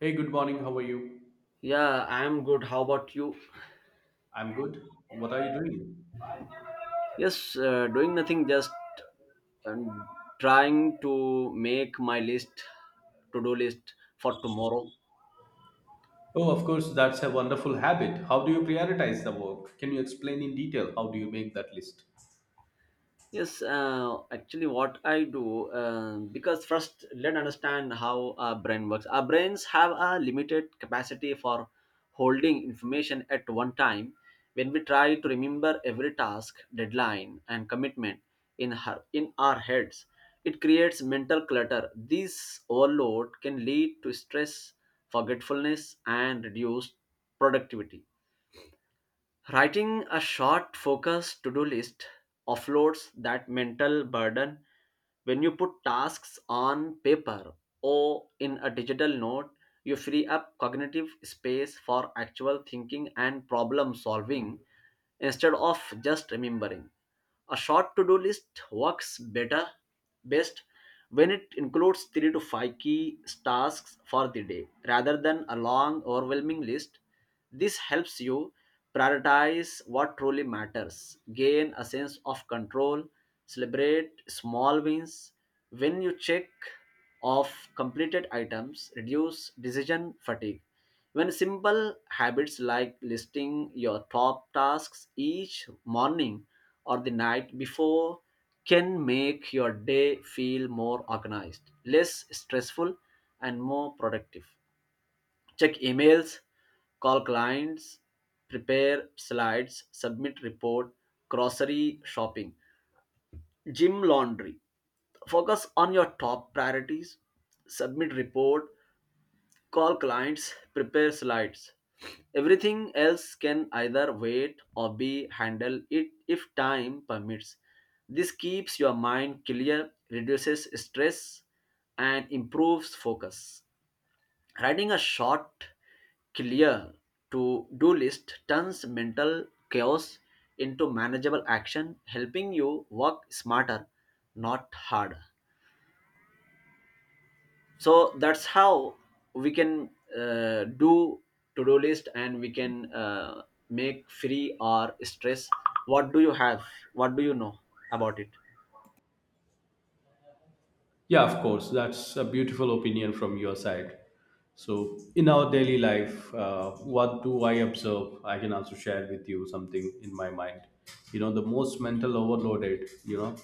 Hey, good morning. How are you? Yeah, I'm good. How about you? I'm good. What are you doing? Yes, doing nothing, just um, trying to make my list, to do list for tomorrow. Oh, of course, that's a wonderful habit. How do you prioritize the work? Can you explain in detail how do you make that list? Yes, actually, what I do, because first let understand how our brain works. Our brains have a limited capacity for holding information at one time. When we try to remember every task, deadline, and commitment in our heads, it creates mental clutter. This overload can lead to stress, forgetfulness, and reduced productivity. Writing a short, focused to do list offloads that mental burden when you put tasks on paper or in a digital note. You free up cognitive space for actual thinking and problem solving instead of just remembering. A short to-do list works better best when it includes 3 to 5 key tasks for the day rather than a long overwhelming list. This helps you prioritize what truly matters, gain a sense of control, celebrate small wins when you check off completed items, reduce decision fatigue. When simple habits like listing your top tasks each morning or the night before can make your day feel more organized, less stressful, and more productive. Check emails, call clients, prepare slides, submit report, grocery shopping, gym laundry. Focus on your top priorities, submit report, call clients, prepare slides. Everything else can either wait or be handled it if time permits. This keeps your mind clear, reduces stress, and improves focus. Writing a short, clear to do list turns mental chaos into manageable action, helping you work smarter, not harder. So that's how we can do to-do list, and we can make free or stress. what do you have what do you know about it? Yeah, of course. That's a beautiful opinion from your side. So, in our daily life, what do I observe? I can also share with you something in my mind. You know, the most mental overloaded, you know,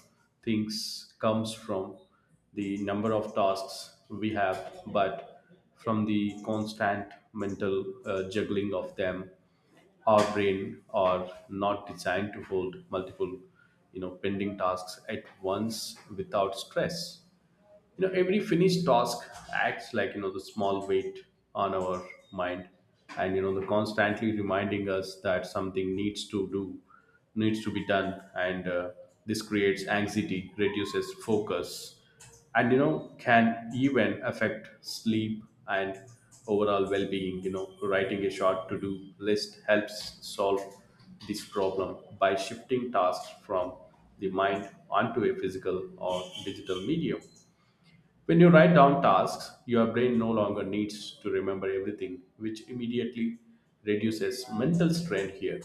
things comes from the number of tasks we have, but from the constant mental juggling of them, our brain are not designed to hold multiple, you know, pending tasks at once without stress. You know, every finished task acts like, you know, the small weight on our mind, and, you know, the constantly reminding us that something needs to do, needs to be done, and this creates anxiety, reduces focus, and, you know, can even affect sleep and overall well-being. You know, writing a short to-do list helps solve this problem by shifting tasks from the mind onto a physical or digital medium. When you write down tasks, your brain no longer needs to remember everything, which immediately reduces mental strain here.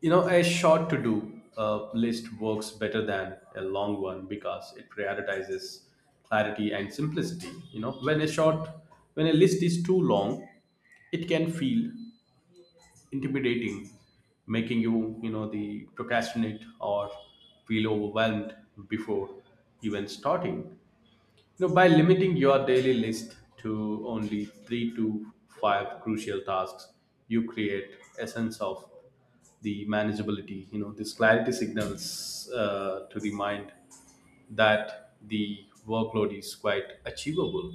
You know, a short to do list works better than a long one because it prioritizes clarity and simplicity. You know, when a list is too long, it can feel intimidating, making you, you know, the procrastinate or feel overwhelmed before even starting. No, by limiting your daily list to only three to five crucial tasks, you create a sense of the manageability. You know, this clarity signals to the mind that the workload is quite achievable,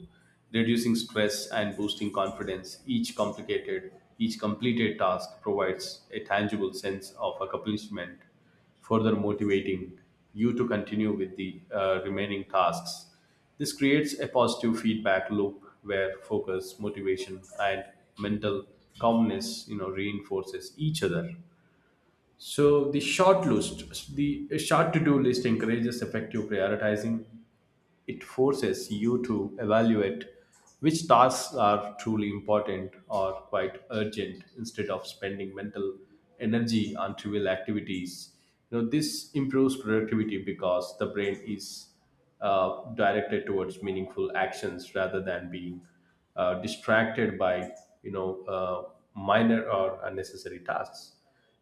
reducing stress and boosting confidence. Each completed task provides a tangible sense of accomplishment, further motivating you to continue with the remaining tasks. This creates a positive feedback loop where focus, motivation, and mental calmness, you know, reinforces each other. So the short to-do list encourages effective prioritizing. It forces you to evaluate which tasks are truly important or quite urgent instead of spending mental energy on trivial activities. You know, this improves productivity because the brain is directed towards meaningful actions rather than being distracted by, you know uh, minor or unnecessary tasks.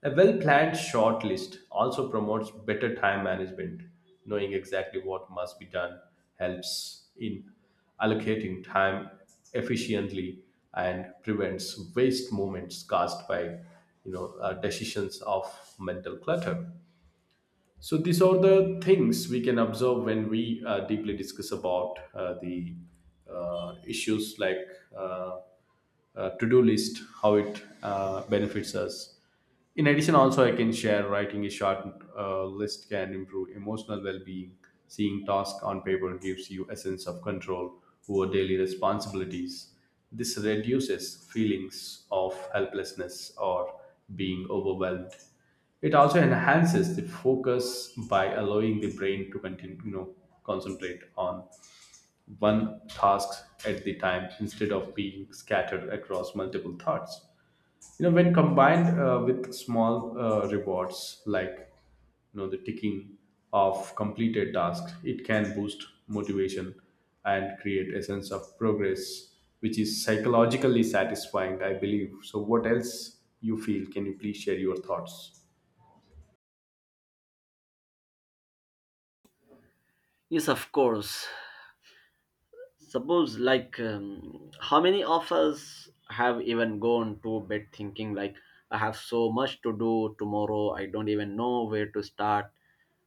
A well planned short list also promotes better time management. Knowing exactly what must be done helps in allocating time efficiently and prevents waste moments caused by, decisions of mental clutter. So these are the things we can observe when we deeply discuss about the issues like uh, to-do list, how it benefits us. In addition, also I can share writing a short list can improve emotional well-being. Seeing tasks on paper gives you a sense of control over daily responsibilities. This reduces feelings of helplessness or being overwhelmed. It also enhances the focus by allowing the brain to continue, you know, concentrate on one task at the time instead of being scattered across multiple thoughts. You know, when combined with small rewards like, you know, the ticking of completed tasks, it can boost motivation and create a sense of progress which is psychologically satisfying, I believe. So what else you feel? Can you please share your thoughts? Yes, of course. Suppose, like, how many of us have even gone to bed thinking like, I have so much to do tomorrow, I don't even know where to start?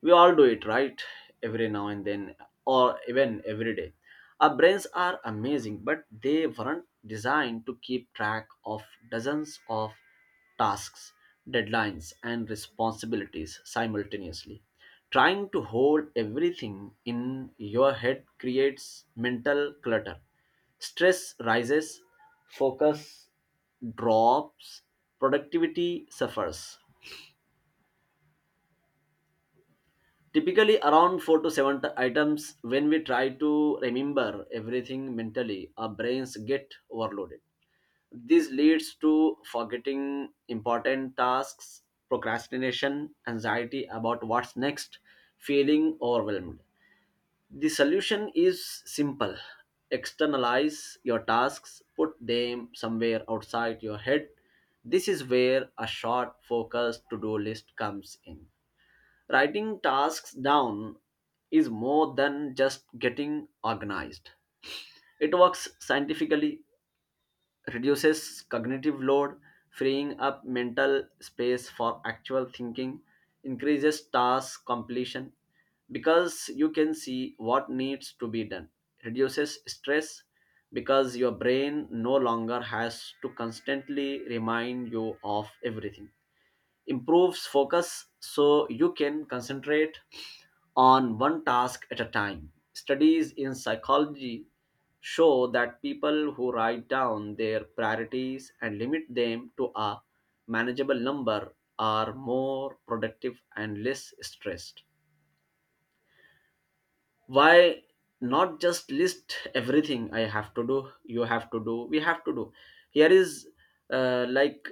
We all do it, right? Every now and then, or even every day. Our brains are amazing, but they weren't designed to keep track of dozens of tasks, deadlines, and responsibilities simultaneously. Trying to hold everything in your head creates mental clutter. Stress rises, focus drops, productivity suffers. Typically, around 4 to 7 items, when we try to remember everything mentally, our brains get overloaded. This leads to forgetting important tasks, procrastination, anxiety about what's next, feeling overwhelmed. The solution is simple: externalize your tasks, put them somewhere outside your head. This is where a short, focused to do list comes in. Writing tasks down is more than just getting organized. It works scientifically, reduces cognitive load, freeing up mental space for actual thinking, increases task completion because you can see what needs to be done, reduces stress because your brain no longer has to constantly remind you of everything, improves focus so you can concentrate on one task at a time. Studies in psychology show that people who write down their priorities and limit them to a manageable number are more productive and less stressed. Why not just list everything I have to do, you have to do, we have to do? Here is, like,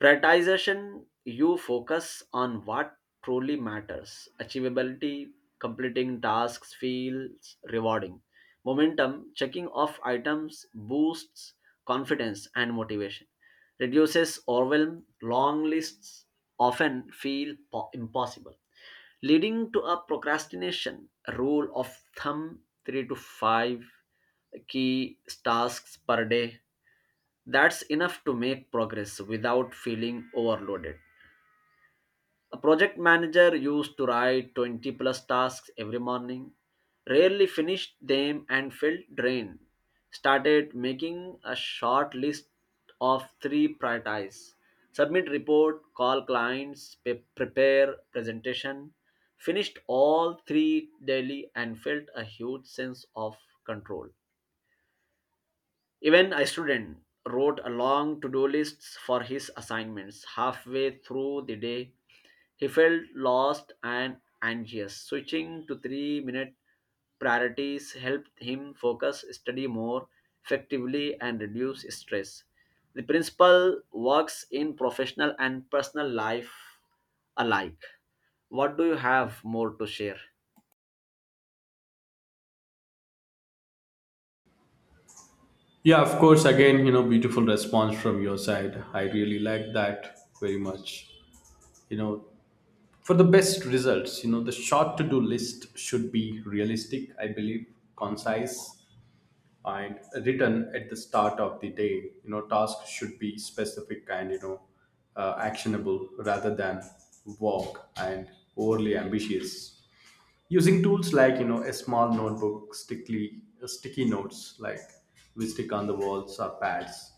prioritization. You focus on what truly matters. Achievability, completing tasks feels rewarding. Momentum, checking off items boosts confidence and motivation. Reduces overwhelm, long lists often feel impossible. Leading to a procrastination. Rule of thumb: 3 to 5 key tasks per day, that's enough to make progress without feeling overloaded. A project manager used to write 20 plus tasks every morning, rarely finished them and felt drained. Started making a short list of three priorities: submit report, call clients, prepare presentation. Finished all three daily and felt a huge sense of control. Even a student wrote a long to do list for his assignments. Halfway through the day, he felt lost and anxious. Switching to 3-minute priorities helped him focus, study more effectively, and reduce stress. The principle works in professional and personal life alike. What do you have more to share? Yeah, of course. Again, you know, beautiful response from your side. I really like that very much. You know, for the best results, you know, the short to do list should be realistic, I believe, concise, and written at the start of the day. You know, tasks should be specific and, you know, actionable rather than vague and overly ambitious. Using tools like, you know, a small notebook, sticky notes like we stick on the walls or pads,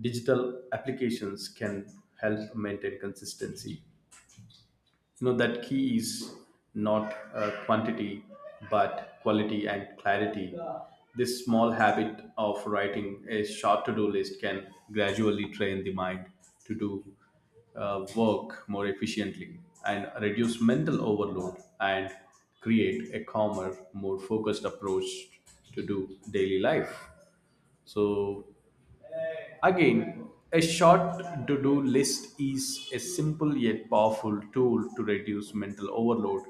digital applications, can help maintain consistency. You know, that key is not quantity but quality and clarity. This small habit of writing a short to-do list can gradually train the mind to do work more efficiently, and reduce mental overload, and create a calmer, more focused approach to do daily life. So again, a short to do list is a simple yet powerful tool to reduce mental overload.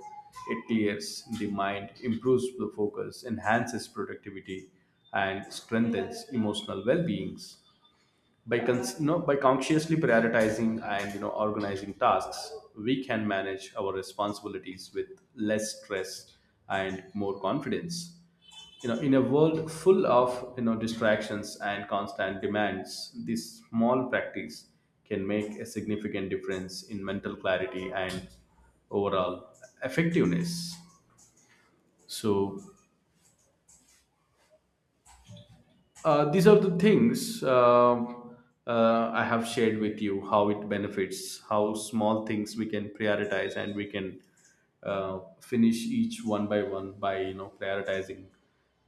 It clears the mind, improves the focus, enhances productivity, and strengthens emotional well being. You know, by consciously prioritizing and, you know, organizing tasks, we can manage our responsibilities with less stress and more confidence. You know, in a world full of, you know, distractions and constant demands, this small practice can make a significant difference in mental clarity and overall effectiveness. So these are the things, I have shared with you how it benefits, how small things we can prioritize, and we can finish each one by one by, you know, prioritizing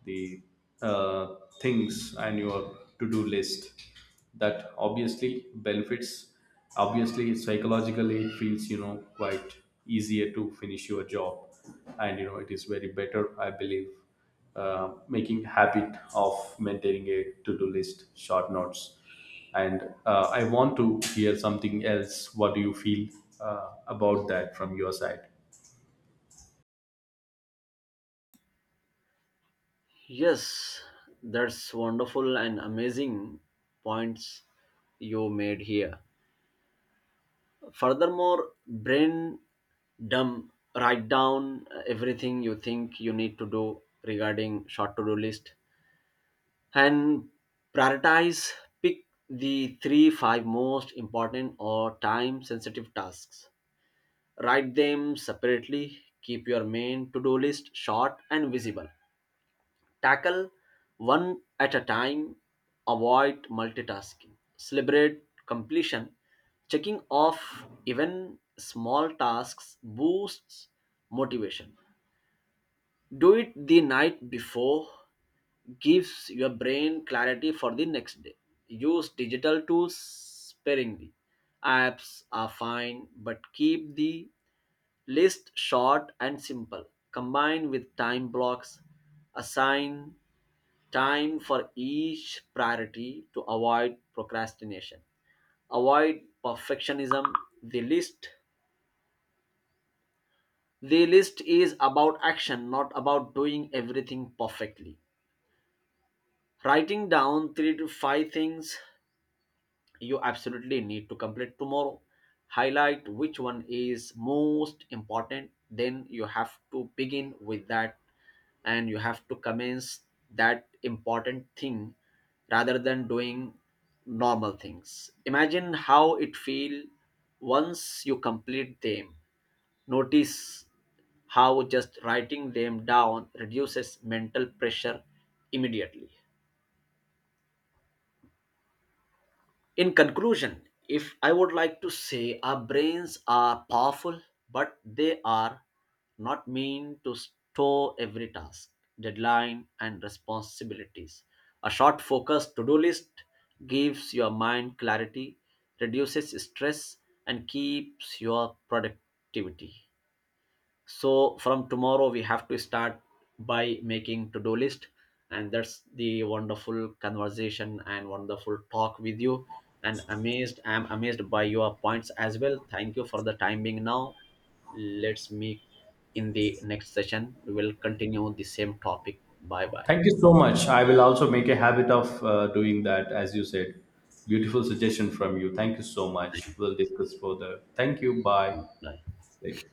the uh, things on your to-do list. That obviously benefits. Obviously, psychologically, it feels, you know, quite easier to finish your job, and, you know, it is very better, I believe, making habit of maintaining a to-do list, short notes. And I want to hear something else. What do you feel about that from your side? Yes, that's wonderful and amazing points you made here. Furthermore, brain dump: write down everything you think you need to do regarding short to do list, and prioritize. Pick the three five most important or time sensitive tasks, write them separately, keep your main to do list short and visible. Tackle one at a time, avoid multitasking, celebrate completion, checking off even small tasks boosts motivation. Do it the night before, gives your brain clarity for the next day. Use digital tools sparingly. Apps are fine, but keep the list short and simple. Combine with time blocks, assign time for each priority to avoid procrastination. Avoid perfectionism. The list the list is about action, not about doing everything perfectly. Writing down 3 to 5 things you absolutely need to complete tomorrow. Highlight which one is most important, then you have to begin with that and you have to commence that important thing rather than doing normal things. Imagine how it feel once you complete them. Notice how just writing them down reduces mental pressure immediately. In conclusion, if I would like to say, our brains are powerful, but they are not meant to store every task, deadline, and responsibilities. A short focused to do list gives your mind clarity, reduces stress, and keeps your productivity. So from tomorrow, we have to start by making to-do list, and that's the wonderful conversation and wonderful talk with you. And amazed I'm amazed by your points as well. Thank you for the time being. Now let's meet in the next session, we will continue the same topic. Bye, bye, Thank you so much. I will also make a habit of doing that, as you said. Beautiful suggestion from you. Thank you so much. We'll discuss further. Thank you. Bye. bye. Later.